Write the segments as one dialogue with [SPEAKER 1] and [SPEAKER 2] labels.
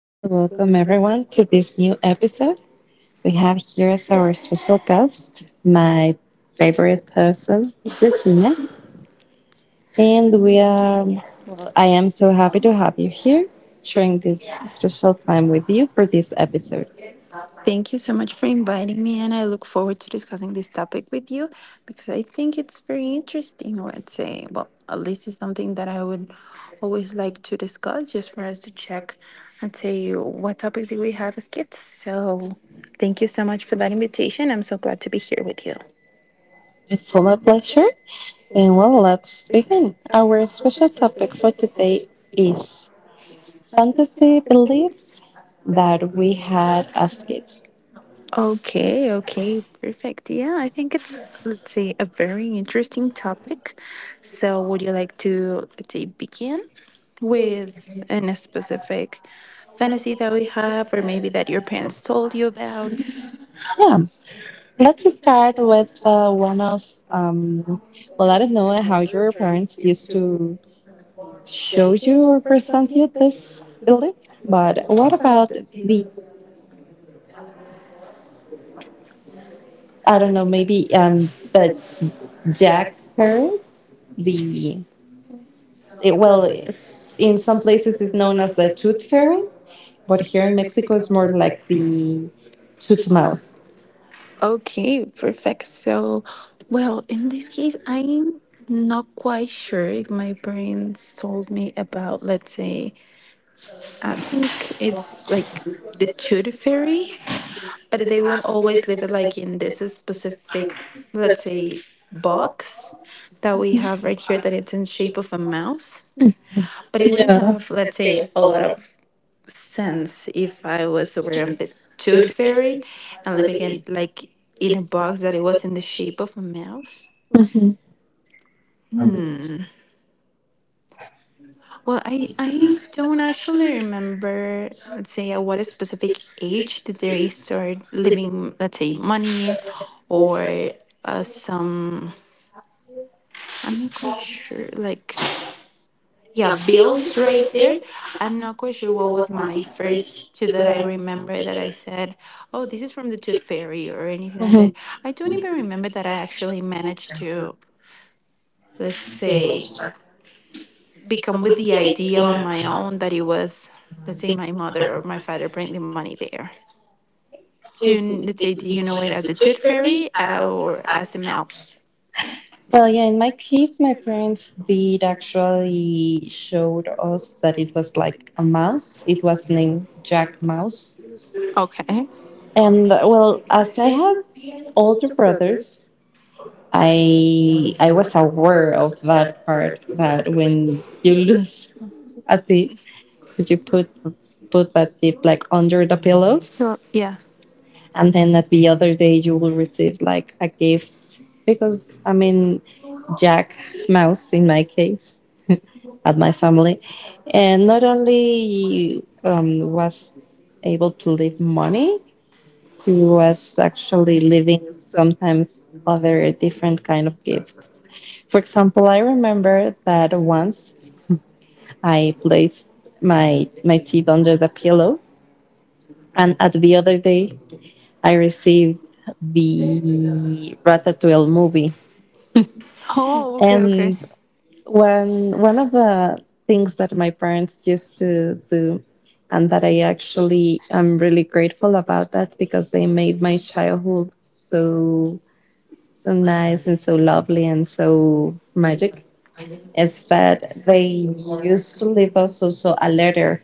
[SPEAKER 1] and welcome everyone to this new episode. We have here as our special guest my favorite person, Regina, and we are. Well, I am so happy to have you here, sharing this special time with you for this episode.
[SPEAKER 2] Thank you so much for inviting me, and I look forward to discussing this topic with you because I think it's very interesting. Let's say, well, at least it's something that I would always like to discuss just for us to check and say what topics do we have as kids. So, thank you so much for that invitation. I'm so glad to be here with you.
[SPEAKER 1] It's all my pleasure, and well, let's begin. Our special topic for today is fantasy beliefs that we had as kids.
[SPEAKER 2] Okay, okay, perfect. Yeah, I think it's, let's say, a very interesting topic. So, would you like to, let's say, begin with an specific fantasy that we have, or maybe that your parents told you about?
[SPEAKER 1] Yeah, let's start with one of, um, well, I don't know how your parents used to show you or present you this belief, but what about the, I don't know, maybe the Jack parents, the, it, well, it's, in some places it's known as the tooth fairy, but here in Mexico it's more like the tooth mouse.
[SPEAKER 2] Okay, perfect. So, well, in this case, I'm not quite sure if my parents told me about, let's say, I think it's like the Tooth Fairy. But they won't always live it like in this specific, let's say, box that we have right here that it's in shape of a mouse, but it wouldn't
[SPEAKER 1] Yeah.
[SPEAKER 2] have, let's say, a lot of sense if I was aware of the Tooth Fairy and living in like in a box that it was in the shape of a mouse.
[SPEAKER 1] Mhm.
[SPEAKER 2] Well, I don't actually remember, let's say, at what specific age did they start living, let's say, money or some. I'm not quite sure. Like, yeah, bills right there. I'm not quite sure what was my first two that I remember that I said, oh, this is from the Tooth Fairy or anything like
[SPEAKER 1] Hmm.
[SPEAKER 2] that. I don't even remember that I actually managed to, let's say, become with the idea on my own that it was, let's say, my mother or my father bring the money there. Do you, let's say, do you know it as the Tooth Fairy, or as a mouse?
[SPEAKER 1] Well, yeah, in my case, my parents did actually showed us that it was like a mouse. It was named Jack Mouse.
[SPEAKER 2] Okay.
[SPEAKER 1] And well, as I have older brothers, I was aware of that part that when you lose a teeth, so you put that teeth like under the pillow,
[SPEAKER 2] Well, yeah.
[SPEAKER 1] and then at the other day you will receive like a gift because I mean Jack Mouse, in my case at my family, and not only was able to leave money, he was actually leaving sometimes other different kind of gifts. For example, I remember that once I placed my teeth under the pillow, and at the other day I received the Ratatouille movie.
[SPEAKER 2] Oh, okay, okay.
[SPEAKER 1] And when one of the things that my parents used to do, and that I actually am really grateful about that because they made my childhood so so nice and so lovely and so magic, is that they used to leave us also a letter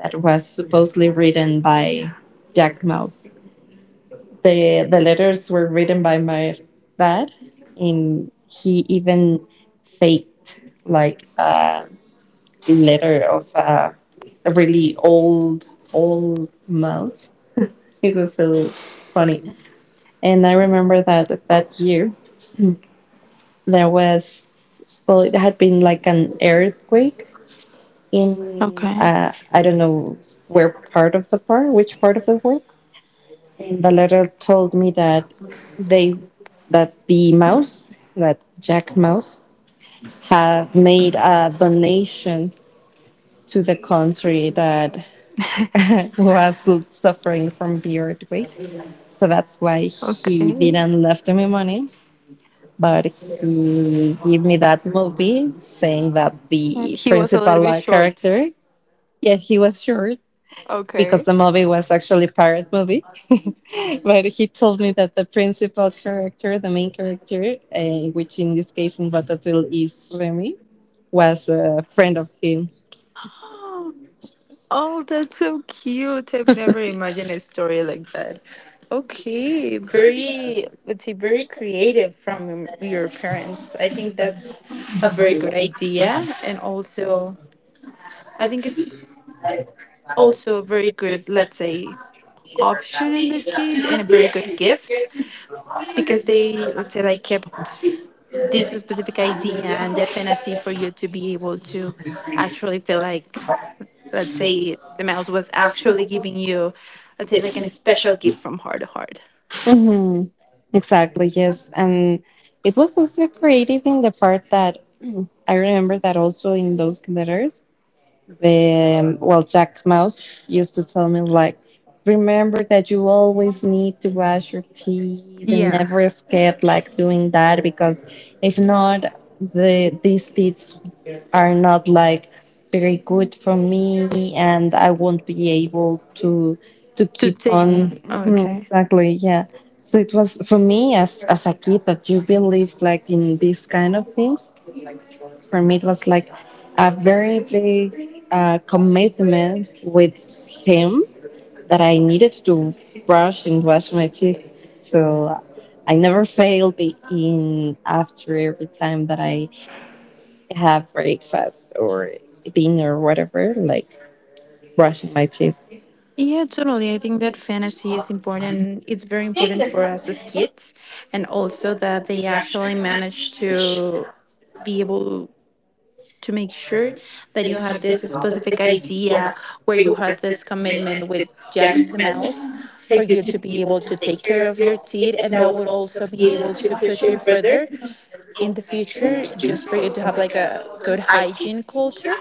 [SPEAKER 1] that was supposedly written by Jack Mouse. The letters were written by my dad, and he even faked like a letter of a really old old mouse. It was so funny, and I remember that that year there was, well, it had been like an earthquake in I don't know where part of the park, which part of the world. And the letter told me that they, that the mouse, that Jack Mouse, had made a donation to the country that was suffering from the earthquake. So that's why he didn't left me money, but he gave me that movie, saying that the principal character, yeah, he was short
[SPEAKER 2] Because.
[SPEAKER 1] because
[SPEAKER 2] Okay.
[SPEAKER 1] the movie was actually a pirate movie. But he told me that the principal character, the main character, which in this case in Ratatouille is Remy, was a friend of him.
[SPEAKER 2] Oh, that's so cute. I've never imagined a story like that. Okay, very, let's say, very creative from your parents. I think that's a very good idea. And also, I think it's also a very good, let's say, option in this case and a very good gift because they, let's say, like kept this specific idea and that fantasy for you to be able to actually feel like, let's say, the mouse was actually giving you, let's say, like an special gift from heart to heart.
[SPEAKER 1] Hmm. Exactly, yes. And it was also creative in the part that I remember that also in those letters the well, Jack Mouse used to tell me like, remember that you always need to brush your teeth and
[SPEAKER 2] Yeah,
[SPEAKER 1] never skip like doing that,
[SPEAKER 2] like.
[SPEAKER 1] because if not,
[SPEAKER 2] Not.
[SPEAKER 1] the
[SPEAKER 2] Won't.
[SPEAKER 1] these teeth are not like very good for me, and I won't be able to
[SPEAKER 2] To
[SPEAKER 1] keep
[SPEAKER 2] take
[SPEAKER 1] on.
[SPEAKER 2] them.
[SPEAKER 1] Mhm, exactly, yeah. So it was
[SPEAKER 2] Was
[SPEAKER 1] for
[SPEAKER 2] for me.
[SPEAKER 1] me as a kid that you
[SPEAKER 2] You're.
[SPEAKER 1] believe
[SPEAKER 2] Like
[SPEAKER 1] like in these kind
[SPEAKER 2] like.
[SPEAKER 1] of things, for me, it was like a very big commitment with him that I needed to brush and wash my teeth. So I never failed in after every time that I have breakfast or dinner or whatever, like brushing my teeth
[SPEAKER 2] Yeah, totally. I think that fantasy is important. It's very important for us as kids, and also that they actually manage to be able to make sure that you had this specific idea where you had this commitment with Jack the Mouse for you to be able to take care of your teeth and that would also be able to push you further in the future just for you to have like a good hygiene culture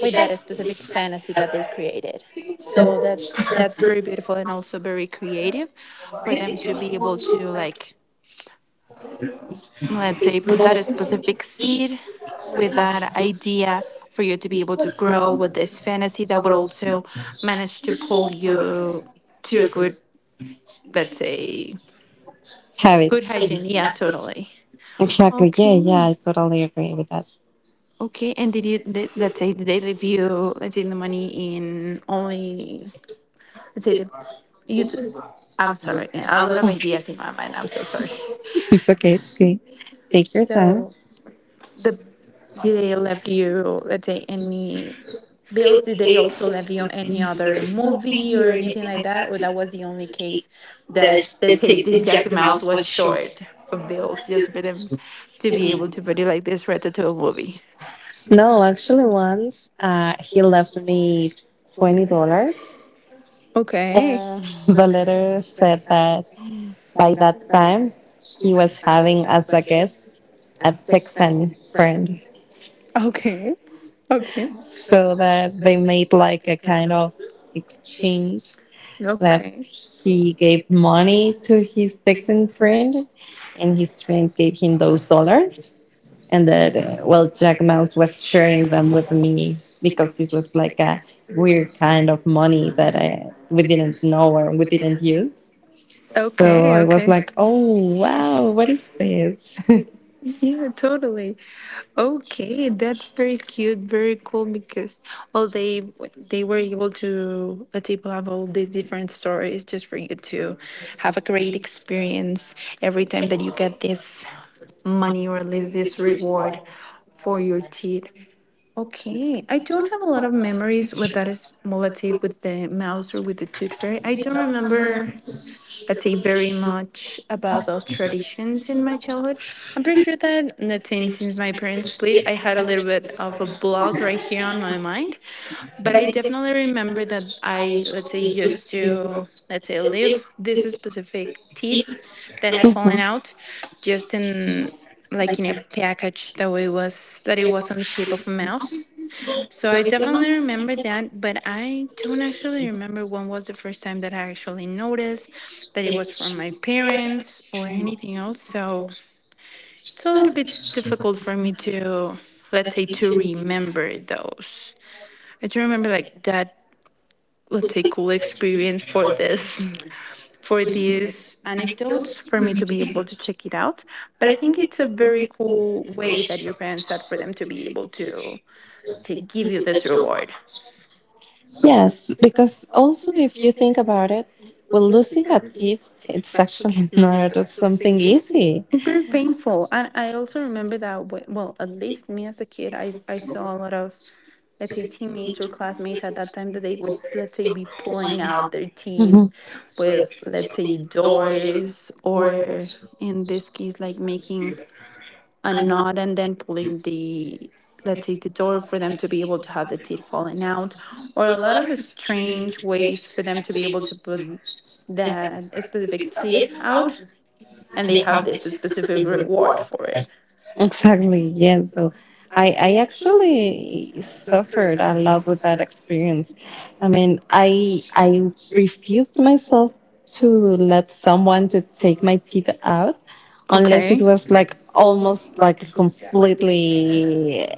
[SPEAKER 2] with that specific fantasy that they created. So that's very beautiful and also very creative for them to be able to, like, let's say, put that specific seed with that idea for you to be able to grow with this fantasy that would also manage to pull you to a good, let's say,
[SPEAKER 1] habit.
[SPEAKER 2] good hygiene. Yeah, totally.
[SPEAKER 1] Exactly. Yeah,
[SPEAKER 2] Okay,
[SPEAKER 1] yeah, I totally agree with that.
[SPEAKER 2] okay. And let's say, did they leave you, let's say, the money in only, let's say, you t- I'm sorry, a lot of ideas in my mind, I'm so sorry.
[SPEAKER 1] It's okay. It's okay. Take your time.
[SPEAKER 2] So. the they left you, let's say, any bills? Did they also leave you any other movie or anything like that, or that was the only case that, let's say, the Jack the Mouse was short of bills just for them to be able to produce like this Ratatouille movie?
[SPEAKER 1] No, actually, once he left me $20.
[SPEAKER 2] Okay.
[SPEAKER 1] Um, the letter said that by that time he was having as a guest a Texan friend,
[SPEAKER 2] Okay. Okay.
[SPEAKER 1] so that they made like a kind of exchange that
[SPEAKER 2] Okay.
[SPEAKER 1] he gave money to his Texan friend, and his friend gave him those dollars, and that well, Jack Mouse was sharing them with me because it was like a weird kind of money that I we didn't know or we didn't use. So
[SPEAKER 2] Okay.
[SPEAKER 1] I was
[SPEAKER 2] Okay.
[SPEAKER 1] like, oh, wow, what is this?
[SPEAKER 2] Yeah, totally. Okay, that's very cute, very cool because, well, they were able to let people have all these different stories just for you to have a great experience every time that you get this money or at least this reward for your teeth. Okay, I don't have a lot of memories with that, is, well, let with the mouse or with the tooth fairy. I don't remember, let's say, very much about those traditions in my childhood. I'm pretty sure that, let's say, since my parents split, I had a little bit of a block right here on my mind. But I definitely remember that I, let's say, used to, let's say, live this specific teeth that had
[SPEAKER 1] Mhm.
[SPEAKER 2] fallen out just in like in a package that it was on the shape of a mouth, so I definitely remember that, but I don't actually remember when was the first time that I actually noticed that it was from my parents or anything else. So it's a little bit difficult for me to, let's say, to remember those. I do remember, like that, let's say, cool experience for this. For these anecdotes, for me to be able to check it out. But I think it's a very cool way that your parents had for them to be able to give you this reward.
[SPEAKER 1] Yes, because also if you think about it, well, losing a teeth, it's actually not something easy.
[SPEAKER 2] It's very painful. And I also remember that, well, at least me as a kid, I saw a lot of, let's say, teammates or classmates at that time that they would, let's say, be pulling out their teeth
[SPEAKER 1] Mhm.
[SPEAKER 2] with, let's say, doors or in this case, like making a knot and then pulling the, let's say, the door for them to be able to have the teeth falling out or a lot of strange ways for them to be able to put that specific teeth out and they have this specific reward for it.
[SPEAKER 1] Exactly, yes. So I actually suffered a lot with that experience. I mean, I refused myself to let someone to take my teeth out unless it
[SPEAKER 2] Okay. It's
[SPEAKER 1] was like almost like completely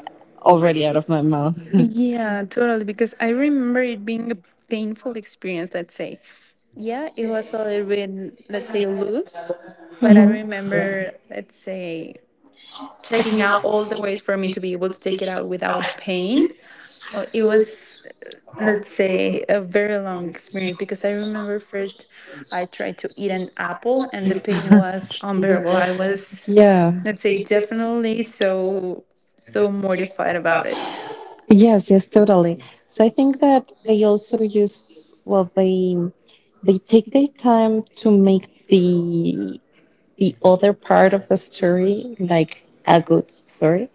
[SPEAKER 1] already out of my mouth.
[SPEAKER 2] Yeah, totally. Because I remember it being a painful experience, let's say. Yeah, it was a little bit, let's say, loose, but I
[SPEAKER 1] Mhm.
[SPEAKER 2] remember, let's say, checking out all the ways for me to be able to take it out without pain. It was, let's say, a very long experience because I remember first I tried to eat an apple and the pain was unbearable. I was,
[SPEAKER 1] Yeah.
[SPEAKER 2] let's say, definitely so, so mortified about it.
[SPEAKER 1] Yes, yes, totally. So I think that they also use, well, they take their time to make the other part of the story like a good story.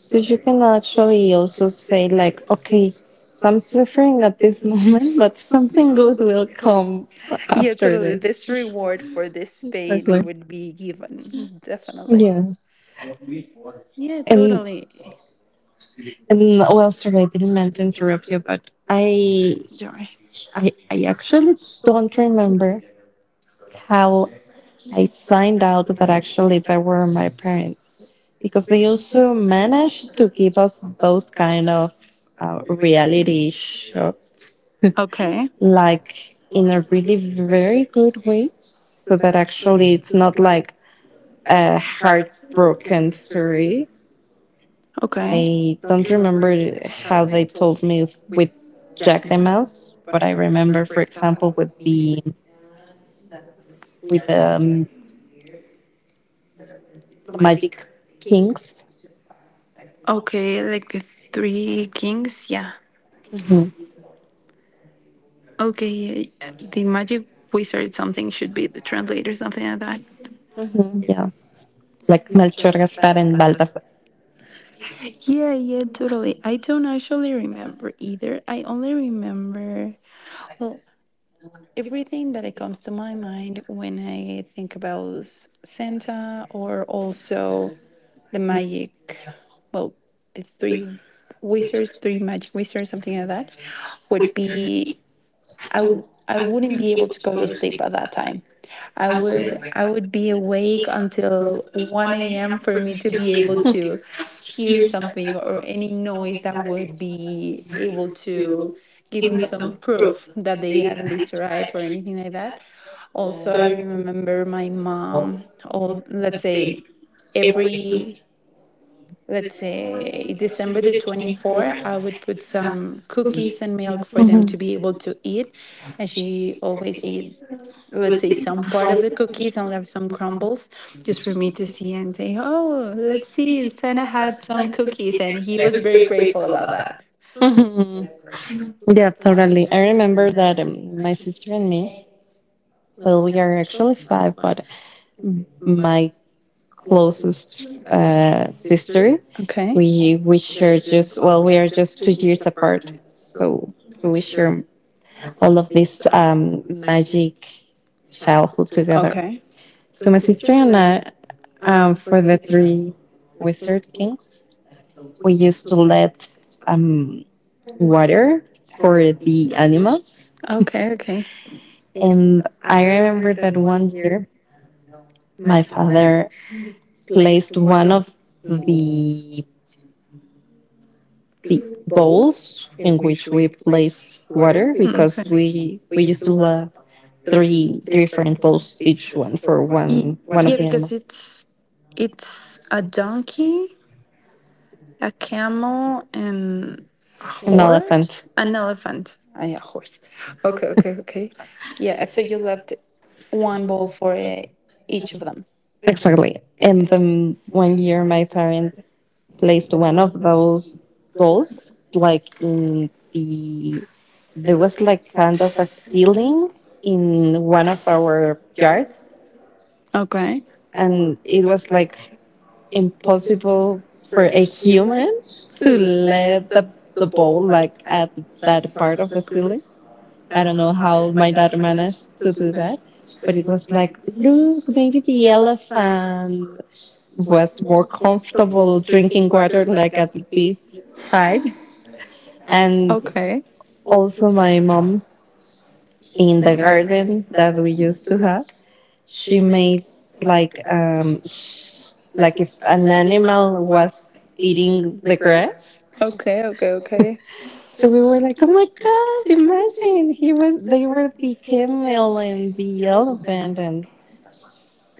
[SPEAKER 1] So you can actually also say like, okay, I'm suffering at this moment, but something good will come
[SPEAKER 2] Yeah,
[SPEAKER 1] after
[SPEAKER 2] totally.
[SPEAKER 1] this.
[SPEAKER 2] This reward for this pain
[SPEAKER 1] Exactly.
[SPEAKER 2] would be given, definitely.
[SPEAKER 1] Yeah.
[SPEAKER 2] Yeah,
[SPEAKER 1] And
[SPEAKER 2] totally.
[SPEAKER 1] and well, sorry, I didn't mean to interrupt you, but I
[SPEAKER 2] Sorry.
[SPEAKER 1] I I actually don't remember how I find out that actually they were my parents, because they also managed to give us those kind of reality show,
[SPEAKER 2] Okay.
[SPEAKER 1] like in a really very good way, so that actually it's not like a heartbroken story.
[SPEAKER 2] Okay.
[SPEAKER 1] I don't remember how they told me with Jack the Mouse, but I remember, for example, with the Magic Kings.
[SPEAKER 2] Okay, like the three kings, yeah.
[SPEAKER 1] Hmm.
[SPEAKER 2] Okay, yeah, the magic wizard something should be the translator, something like that.
[SPEAKER 1] Hmm. Yeah. Like Melchor, Gaspar, and Baltasar.
[SPEAKER 2] Yeah, yeah, totally. I don't actually remember either. I only remember, well, everything that it comes to my mind when I think about Santa or also the magic, well, the three wizards, three magic wizards, something like that, would be I wouldn't be able to go to sleep at that time. I would be awake until 1 a.m. for me to be able to hear something or any noise that would be able to give me some proof that they had at least arrived or anything like that. Also, I remember my mom, all, let's say, every, let's say, December the 24th, I would put some cookies and milk for them
[SPEAKER 1] Hmm.
[SPEAKER 2] to be able to eat. And she always ate, let's say, some part of the cookies and left some crumbles just for me to see and say, oh, let's see, Santa had some cookies. And he was very grateful about that.
[SPEAKER 1] Hmm. Yeah, totally. I remember that my sister and me, well, we are actually five, but my closest sister,
[SPEAKER 2] Okay.
[SPEAKER 1] we share, just, well, we are just two years apart, so so we share
[SPEAKER 2] All
[SPEAKER 1] all
[SPEAKER 2] of
[SPEAKER 1] of
[SPEAKER 2] this
[SPEAKER 1] this
[SPEAKER 2] magic
[SPEAKER 1] magic
[SPEAKER 2] child.
[SPEAKER 1] childhood
[SPEAKER 2] To do.
[SPEAKER 1] together.
[SPEAKER 2] Okay.
[SPEAKER 1] So my sister and I, for the three wizard kings, we used to let um, water for the animals.
[SPEAKER 2] Okay. Okay.
[SPEAKER 1] And I remember that one year my father placed one of the, the bowls in which we place water
[SPEAKER 2] Mm,
[SPEAKER 1] because
[SPEAKER 2] okay.
[SPEAKER 1] we used to love three three different
[SPEAKER 2] Bowls.
[SPEAKER 1] bowls, each one for
[SPEAKER 2] Ye-
[SPEAKER 1] one of
[SPEAKER 2] Yeah,
[SPEAKER 1] the
[SPEAKER 2] because
[SPEAKER 1] animals,
[SPEAKER 2] it's a donkey, a camel, and a
[SPEAKER 1] an elephant.
[SPEAKER 2] horse, an elephant. Ah, yeah, horse. Okay, okay, okay. Yeah, so you left one bowl for each of them.
[SPEAKER 1] Exactly. And then one year my parents placed one of those balls like in the, there was like kind of a ceiling in one of our yards,
[SPEAKER 2] Okay.
[SPEAKER 1] and it was like impossible for a human to let the ball like at that part of the ceiling. I don't know how my dad managed to do that, but it was like, look, maybe the elephant was more comfortable drinking water like at this height.
[SPEAKER 2] Okay.
[SPEAKER 1] And
[SPEAKER 2] Okay.
[SPEAKER 1] also, my mom, in the garden that we used to have, she made like like if an animal was eating the grass.
[SPEAKER 2] Okay. Okay. Okay.
[SPEAKER 1] So we were like, oh my god! Imagine he was. They were the camel and the elephant,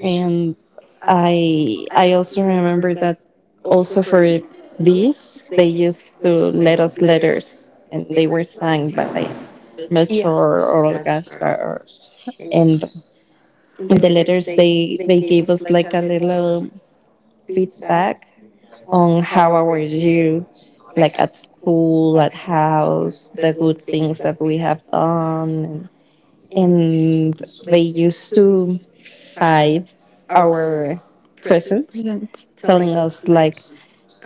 [SPEAKER 1] and I also remember that also for this they used to let us letters, and they were signed by Melchor
[SPEAKER 2] Yeah.
[SPEAKER 1] or Gaspar or, and in the letters they gave us like a little feedback on how our you, like at school, at house, the good things that we have done, and they used to hide our
[SPEAKER 2] Present.
[SPEAKER 1] presents, telling us like,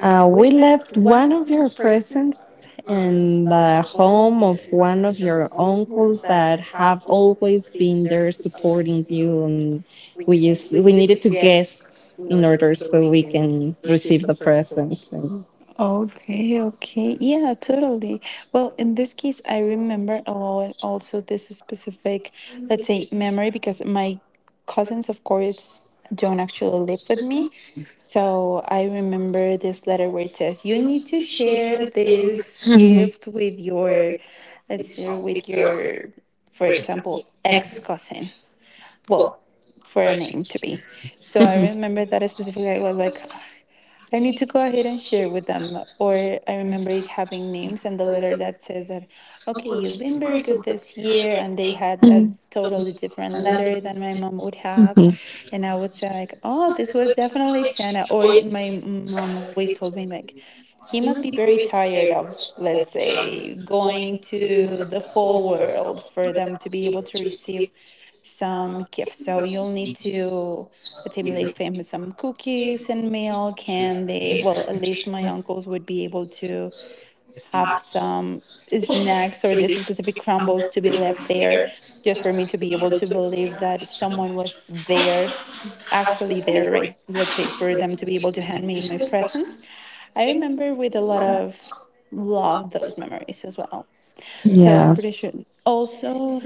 [SPEAKER 1] we left one of your presents in the home of one of your uncles that have always been there supporting you, and we just we needed to guess in order so we can receive the presents and
[SPEAKER 2] Okay, okay. Yeah, totally. Well, in this case, I remember a lot also this specific, let's say, memory because my cousins, of course, don't actually live with me. So I remember this letter where it says, you need to share
[SPEAKER 1] Mhm.
[SPEAKER 2] this gift with your,
[SPEAKER 1] Mhm.
[SPEAKER 2] let's say, with your, for example, ex cousin. Well, for a name to be. So I remember that specifically. I was like, I need to go ahead and share with them. Or I remember it having names and the letter that says that, okay, you've been very good this year. And they had a totally different letter than my mom would have.
[SPEAKER 1] Mhm.
[SPEAKER 2] And I would say, like, oh, this was definitely Santa. Or my mom always told me, like, he must be very tired of, let's say, going to the whole world for them to be able to receive some gifts. So you'll need to, let's say, leave him some cookies and milk, and they, well, at least my uncles would be able to have some snacks or these specific crumbles to be left there just for me to be able to believe that someone was there actually there, right, let's say for them to be able to hand me my presents. I remember with a lot of love those memories as well. So I'm
[SPEAKER 1] yeah.
[SPEAKER 2] pretty sure. Also,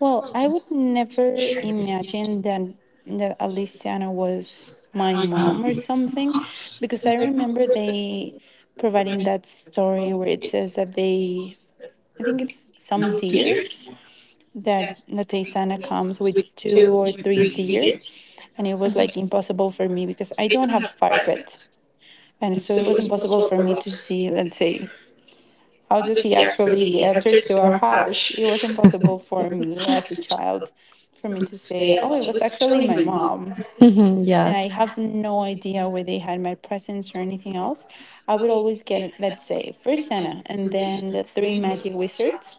[SPEAKER 2] well, I would never imagine that Aliciana was my mom or something, because I remember they providing that story where it says that they, I think it's some deers that Nataysana comes with two or three deers, and it was like impossible for me because I don't have a fire pit, and so it was impossible for me to see, let's say, how does he actually enter to our house? It was impossible for me as a child for me to say, oh, it was actually my mom.
[SPEAKER 1] Mhm,
[SPEAKER 2] And
[SPEAKER 1] yeah,
[SPEAKER 2] I have no idea where they had my presents or anything else. I would always get, it, let's say, first Santa and then the three magic wizards.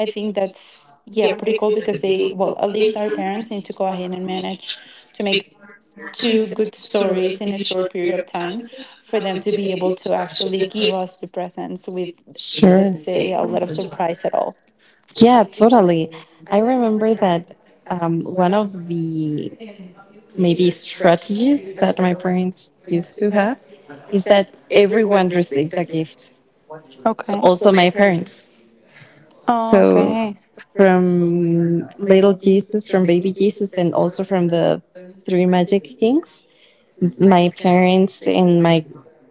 [SPEAKER 2] I think that's, yeah, pretty cool because they, well, at least our parents need to go ahead and manage to make two good stories in a short period of time for them to be able to actually give us the presents with,
[SPEAKER 1] sure.
[SPEAKER 2] let's say, a lot of surprise at all.
[SPEAKER 1] Yeah, totally. I remember that one of the maybe strategies that my parents used to have is that everyone received a gift.
[SPEAKER 2] Okay.
[SPEAKER 1] So
[SPEAKER 2] Also,
[SPEAKER 1] also
[SPEAKER 2] my
[SPEAKER 1] my
[SPEAKER 2] parents.
[SPEAKER 1] parents.
[SPEAKER 2] Oh,
[SPEAKER 1] So
[SPEAKER 2] okay.
[SPEAKER 1] from little Jesus, from baby Jesus, and also from the three magic kings, my parents and my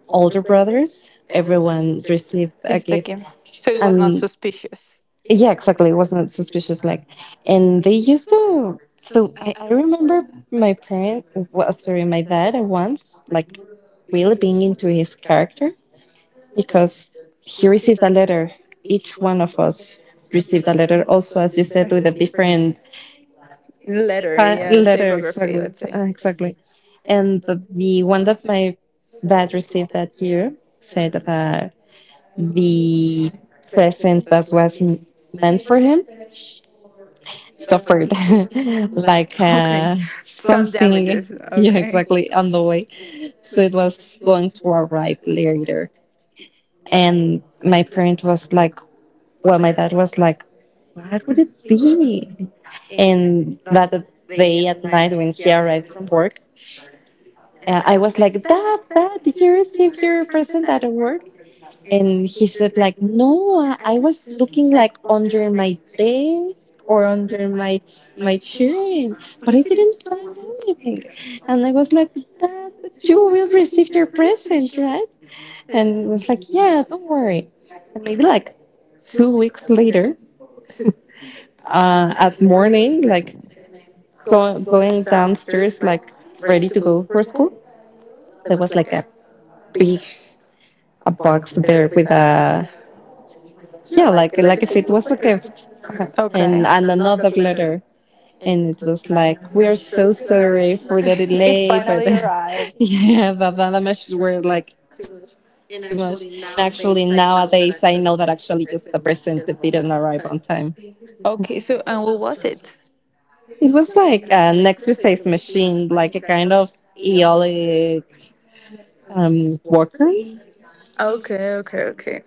[SPEAKER 2] Older
[SPEAKER 1] older
[SPEAKER 2] brothers,
[SPEAKER 1] brothers,
[SPEAKER 2] everyone
[SPEAKER 1] everyone
[SPEAKER 2] received.
[SPEAKER 1] received a
[SPEAKER 2] If the
[SPEAKER 1] gift.
[SPEAKER 2] game. So it was not
[SPEAKER 1] And
[SPEAKER 2] suspicious.
[SPEAKER 1] yeah, exactly. It wasn't suspicious like. And they used to, so I remember my parent, well, sorry, my dad once, like, really being into his character, because he received a letter. Each one of us received a letter also, as you said, with a different
[SPEAKER 2] Letter, yeah,
[SPEAKER 1] letter,
[SPEAKER 2] typography,
[SPEAKER 1] exactly,
[SPEAKER 2] let's say.
[SPEAKER 1] exactly. And the one that my dad received that year said about the present that was meant for him
[SPEAKER 2] Suffered,
[SPEAKER 1] suffered
[SPEAKER 2] like.
[SPEAKER 1] like
[SPEAKER 2] Okay. Some
[SPEAKER 1] something.
[SPEAKER 2] damages.
[SPEAKER 1] Yeah,
[SPEAKER 2] Okay.
[SPEAKER 1] exactly,
[SPEAKER 2] On
[SPEAKER 1] on
[SPEAKER 2] the
[SPEAKER 1] the
[SPEAKER 2] way.
[SPEAKER 1] way. So it was going to arrive later. And my parent was like, well, my dad was like, what would it be? And that day at night when he arrived from work, I was like, Dad, Dad, did you receive your present at work? And he said, like, no, I was looking like under my desk or under my my chair, but I didn't find anything. And I was like, that you will receive your present, right? And it was like, yeah, don't worry. And maybe like two weeks later, at morning, like go, going downstairs, like ready to go for school, there was like a big a box there with a,
[SPEAKER 2] Yeah,
[SPEAKER 1] yeah,
[SPEAKER 2] like
[SPEAKER 1] like
[SPEAKER 2] if
[SPEAKER 1] if it
[SPEAKER 2] it was
[SPEAKER 1] was
[SPEAKER 2] a
[SPEAKER 1] a
[SPEAKER 2] gift.
[SPEAKER 1] gift. Uh-huh.
[SPEAKER 2] Okay. And
[SPEAKER 1] And another
[SPEAKER 2] another letter.
[SPEAKER 1] letter. And it was like, we are so sorry for the
[SPEAKER 2] It
[SPEAKER 1] delay, but
[SPEAKER 2] finally arrived.
[SPEAKER 1] yeah, but the messages were like too much. And actually nowadays I know that actually just the present that didn't arrive on time.
[SPEAKER 2] Okay, so and what was it?
[SPEAKER 1] It was like an exercise machine, like a kind of eolic worker.
[SPEAKER 2] Okay, okay, okay,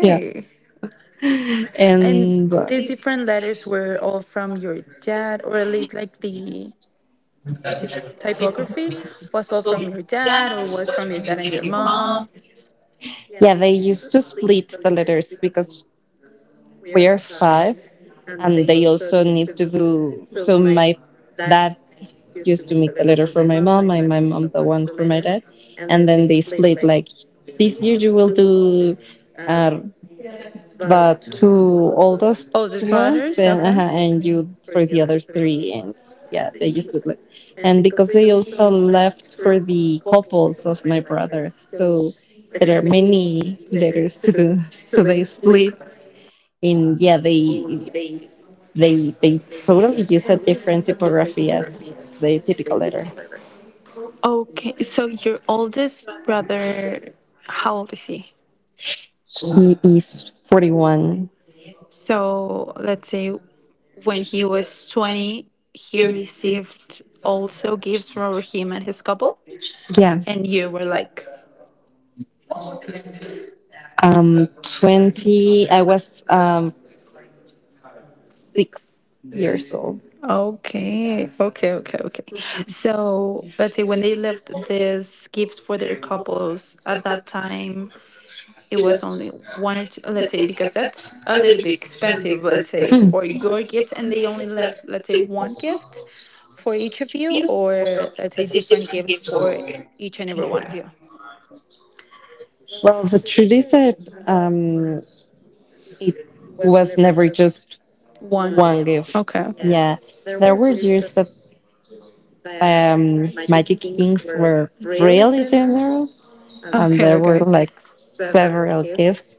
[SPEAKER 1] Yeah.
[SPEAKER 2] And
[SPEAKER 1] And
[SPEAKER 2] these different letters were all from your dad, or at least like the typ typography was all from your dad, or was from your dad and your mom.
[SPEAKER 1] yeah, they used to split the letters because we are five and they also need to do so. My dad used to make the letter for my mom and my mom the one for my dad, and then they split like, this year you will do uh, the two oldest
[SPEAKER 2] Older
[SPEAKER 1] ones
[SPEAKER 2] brothers, okay.
[SPEAKER 1] and you for the other three. And yeah, they used to like, and because they also left for the couples of my brothers, so there are many letters to do, so they split. And yeah, they totally use a different typography as the typical letter.
[SPEAKER 2] Okay, so your oldest brother, how old is he?
[SPEAKER 1] He is 41.
[SPEAKER 2] So let's say when he was 20, he received also gifts from him and his couple,
[SPEAKER 1] Yeah.
[SPEAKER 2] and you were like.
[SPEAKER 1] Um 20 I was 6 years old.
[SPEAKER 2] Okay, okay, okay, okay. So let's say when they left this gift for their couples at that time, it was only one or two, let's say, because that's a little bit expensive, let's say,
[SPEAKER 1] Hmm.
[SPEAKER 2] for your gift, and they only left, let's say, one gift for each of you, or let's say different gifts for each and every one of you.
[SPEAKER 1] Well, the truth is that um, it was never just one
[SPEAKER 2] One.
[SPEAKER 1] gift.
[SPEAKER 2] Okay.
[SPEAKER 1] Yeah, there were years that magic kings were really generous, and
[SPEAKER 2] Okay,
[SPEAKER 1] there were
[SPEAKER 2] okay.
[SPEAKER 1] like several gifts.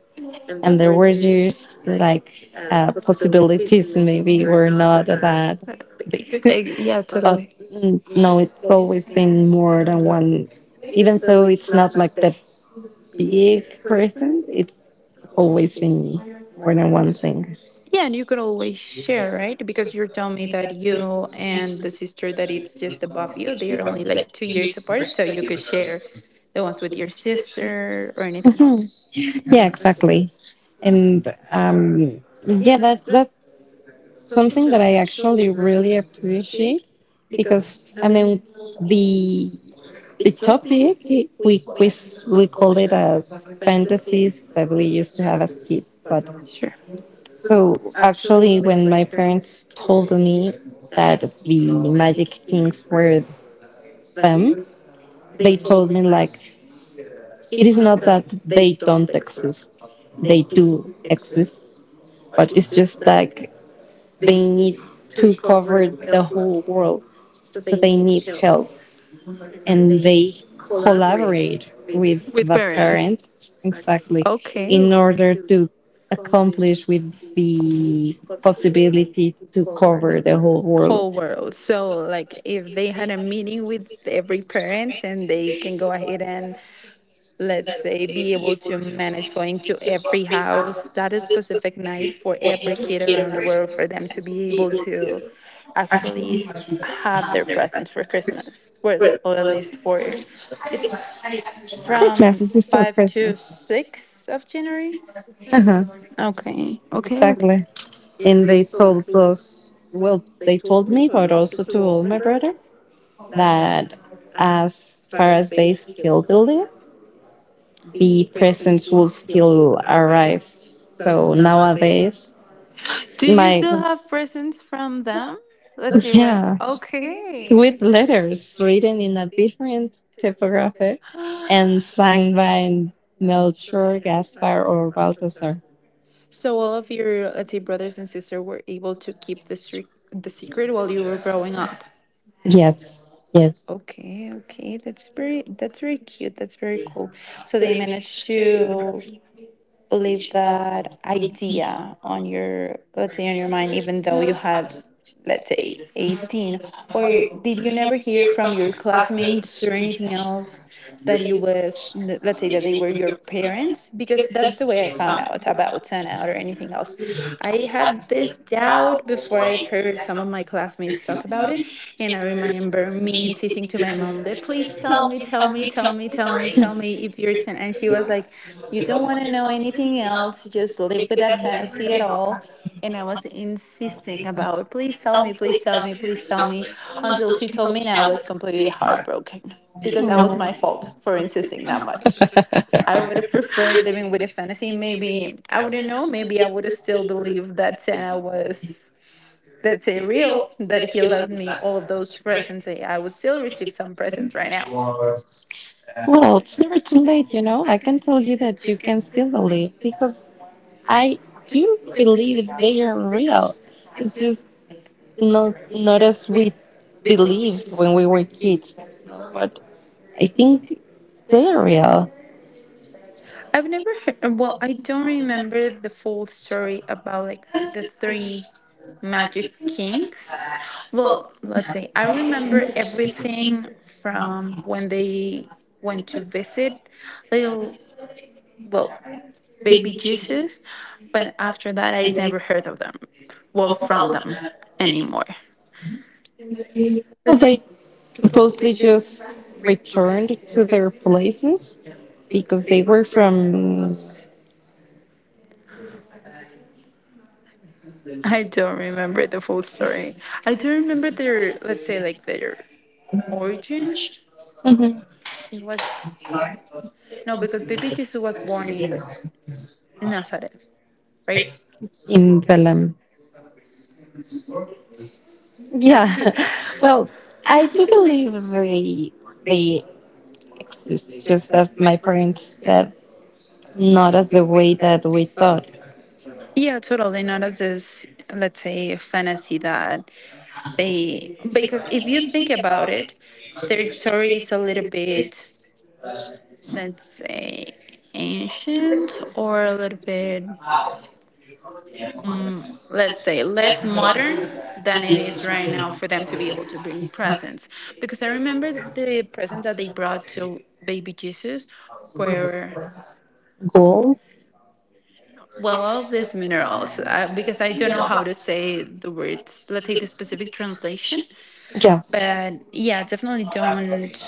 [SPEAKER 1] And there were just like, possibilities maybe were not that big,
[SPEAKER 2] Eh, yeah,
[SPEAKER 1] but
[SPEAKER 2] totally.
[SPEAKER 1] no, it's always been more than one, even though it's not like the big present. It's always been more than one thing.
[SPEAKER 2] Yeah, and you can always share, right? Because you're telling me that you and the sister that it's just above you, they are only like 2 years apart, so you could share the ones with your sister or anything else.
[SPEAKER 1] Yeah, exactly. And yeah, that's something that I actually really appreciate, because I mean, the the topic I- we s- we call it as fantasies that we used to have as kids, but
[SPEAKER 2] Sure.
[SPEAKER 1] so actually when my parents told me that the magic kings were them, they told me like, it is not that they don't exist, they do exist, but it's just like, they need to cover the whole world. So they need help, and they collaborate with
[SPEAKER 2] With
[SPEAKER 1] the
[SPEAKER 2] parents.
[SPEAKER 1] parents, exactly,
[SPEAKER 2] Okay.
[SPEAKER 1] in order to accomplish with the possibility to cover the whole world.
[SPEAKER 2] Whole world. So, like, if they had a meeting with every parent and they can go ahead and, let's say, be able to manage going to every house that is specific night for every kid around the world for them to be able to actually have their presents for Christmas, well, or at least for it's
[SPEAKER 1] Christmas
[SPEAKER 2] from
[SPEAKER 1] is still
[SPEAKER 2] 5 to
[SPEAKER 1] Christmas.
[SPEAKER 2] six of January.
[SPEAKER 1] Uh-huh,
[SPEAKER 2] Okay, okay, okay.
[SPEAKER 1] exactly. And they told us, well, they told me, but also to all my brother, that as far as they still believe, the presents will still arrive. So nowadays,
[SPEAKER 2] Do you
[SPEAKER 1] my
[SPEAKER 2] still have presents from them? Let's say right.
[SPEAKER 1] yeah, with
[SPEAKER 2] Okay.
[SPEAKER 1] letters written in a different typographic and signed by Melchor, Gaspar, or Balthasar.
[SPEAKER 2] So all of your, let's say, brothers and sisters were able to keep the streak, the secret while you were growing up.
[SPEAKER 1] Yes, yes.
[SPEAKER 2] Okay, okay, that's very, that's very cute. That's very cool. So they managed to leave that idea on your, let's say, on your mind even though you had, let's say, 18, or did you never hear from your classmates or anything else that you was let's say that they were your parents? Because that's the way I found out about turnout or anything else. I had this doubt before I heard some of my classmates talk about it. And I remember me insisting to my mom that please tell me, tell me, tell me, tell me, tell me if you're sin. And she was like, you don't want to know anything else. Just live with that fantasy at all. And I was insisting about, please tell me, please tell me, please tell me, until she told me, and I was completely heartbroken because that was my fault for insisting that much. I would have preferred living with a fantasy. Maybe I wouldn't know. Maybe I would have still believed that Santa was, that's in real, that he left me all of those presents. I would still receive some presents right now.
[SPEAKER 1] Well, it's never too late, you know. I can tell you that you can still believe, because I do believe they are real. It's just not as we believed when we were kids, no, but I think they are real.
[SPEAKER 2] I've never heard, well, I don't remember the full story about, like, the three magic kings. Well, let's say I remember everything from when they went to visit little, well, baby Jesus, but after that I never heard of them, well, from them, anymore.
[SPEAKER 1] Well, they supposedly just returned to their places because they were from.
[SPEAKER 2] I don't remember the full story. I do remember their, let's say, like their origin.
[SPEAKER 1] Mhm.
[SPEAKER 2] It was, no, because baby Jesus was born in Nazareth, right?
[SPEAKER 1] In Belém. Yeah. Well, I do believe they exist just as my parents said, not as the way that we thought.
[SPEAKER 2] Yeah, totally. Not as this, let's say, fantasy that they, because if you think about it, their story is a little bit, let's say, ancient or a little bit, let's say, less modern than it is right now for them to be able to bring presents, because I remember the present that they brought to baby Jesus were,
[SPEAKER 1] Gold?
[SPEAKER 2] well, all of these minerals, because I don't know how to say the words, let's say the specific translation.
[SPEAKER 1] Yeah.
[SPEAKER 2] But yeah, definitely don't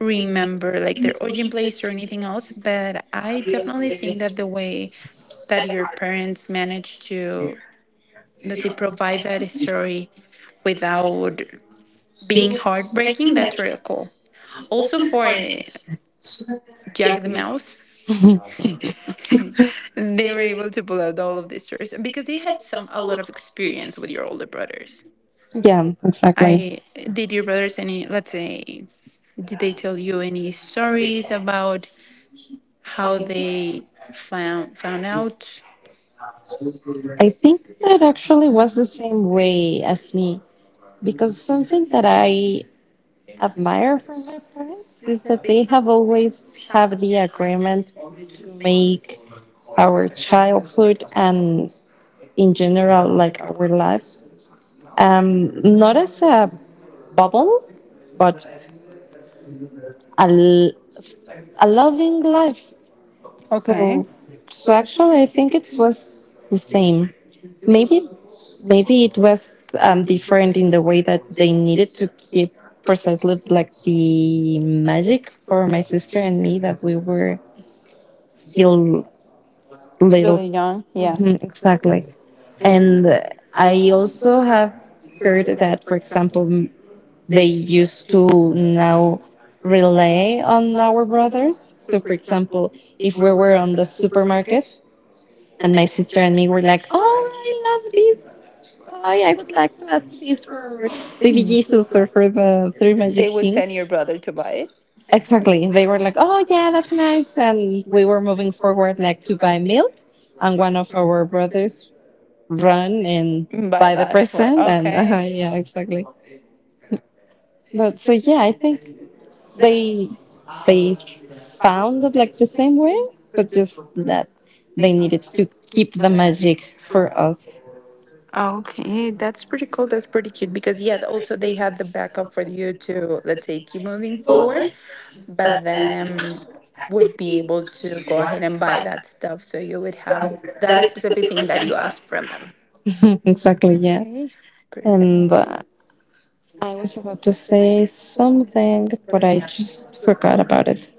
[SPEAKER 2] remember like their origin place or anything else, but I definitely think that the way that your parents managed to, let's say, provide that story without being heartbreaking, that's real cool. Also for Jack the Mouse,
[SPEAKER 1] Mhm.
[SPEAKER 2] they were able to pull out all of these stories because they had some a lot of experience with your older brothers.
[SPEAKER 1] Yeah, exactly.
[SPEAKER 2] I did your brothers any, let's say, did they tell you any stories about how they found out?
[SPEAKER 1] I think that actually was the same way as me, because something that I admire from my parents is that they have always have the agreement to make our childhood and in general like our life, um not as a bubble, but a, l- a loving life.
[SPEAKER 2] Okay.
[SPEAKER 1] So so actually I think it was the same. Maybe, maybe it was different in the way that they needed to keep precisely like the magic for my sister and me, that we were still little.
[SPEAKER 2] Really young, yeah.
[SPEAKER 1] Mhm, exactly. and I also have heard that, for example, they used to now rely on our brothers. So for example, if we were on the supermarket and my sister and me were like, oh, I love this." Hi, I would like to ask this for baby Jesus or for the three magic
[SPEAKER 2] They would
[SPEAKER 1] kings.
[SPEAKER 2] send your brother to buy it.
[SPEAKER 1] Exactly. They were like, oh, yeah, that's nice. And we were moving forward, like to buy milk. And one of our brothers run and
[SPEAKER 2] Buy
[SPEAKER 1] buy the
[SPEAKER 2] that for,
[SPEAKER 1] present. And
[SPEAKER 2] okay.
[SPEAKER 1] yeah, exactly. But so, yeah, I think they they found it like the same way, but just that they needed to keep the magic for us.
[SPEAKER 2] Okay, that's pretty cool. That's pretty cute because yeah, also they had the backup for you to, let's say, keep moving forward, but then would be able to go ahead and buy that stuff, so you would have that specific thing that you asked from them.
[SPEAKER 1] Exactly. Yeah.
[SPEAKER 2] Okay, perfect.
[SPEAKER 1] And I was about to say something, but I just forgot about it.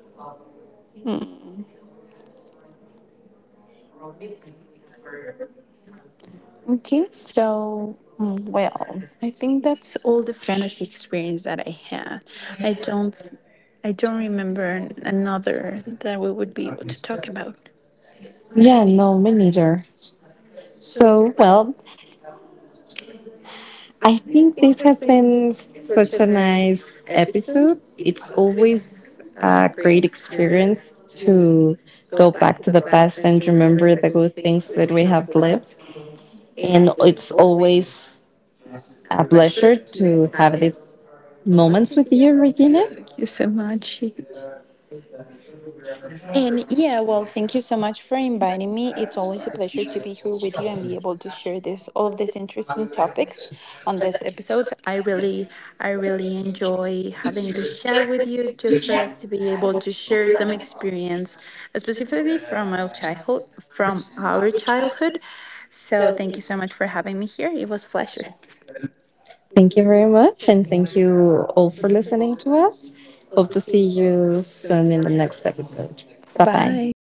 [SPEAKER 2] Okay, so mm, well, I think that's all the fantasy experience that I had. I don't, I don't remember another that we would be able to talk about.
[SPEAKER 1] Yeah, no, me neither. So, well, I think this has been such a nice episode. It's always a great experience to go back to the past and remember the good things that we have lived. And it's always a pleasure to have these moments with you, Regina.
[SPEAKER 2] Thank you so much. And yeah, well, thank you so much for inviting me. It's always a pleasure to be here with you and be able to share this all of these interesting topics on this episode. I really enjoy having this chat with you, just for us to be able to share some experience, specifically from our childhood. So thank you so much for having me here. It was a pleasure.
[SPEAKER 1] Thank you very much, and thank you all for listening to us. Hope to see you soon in the next episode. Bye bye.
[SPEAKER 2] Bye.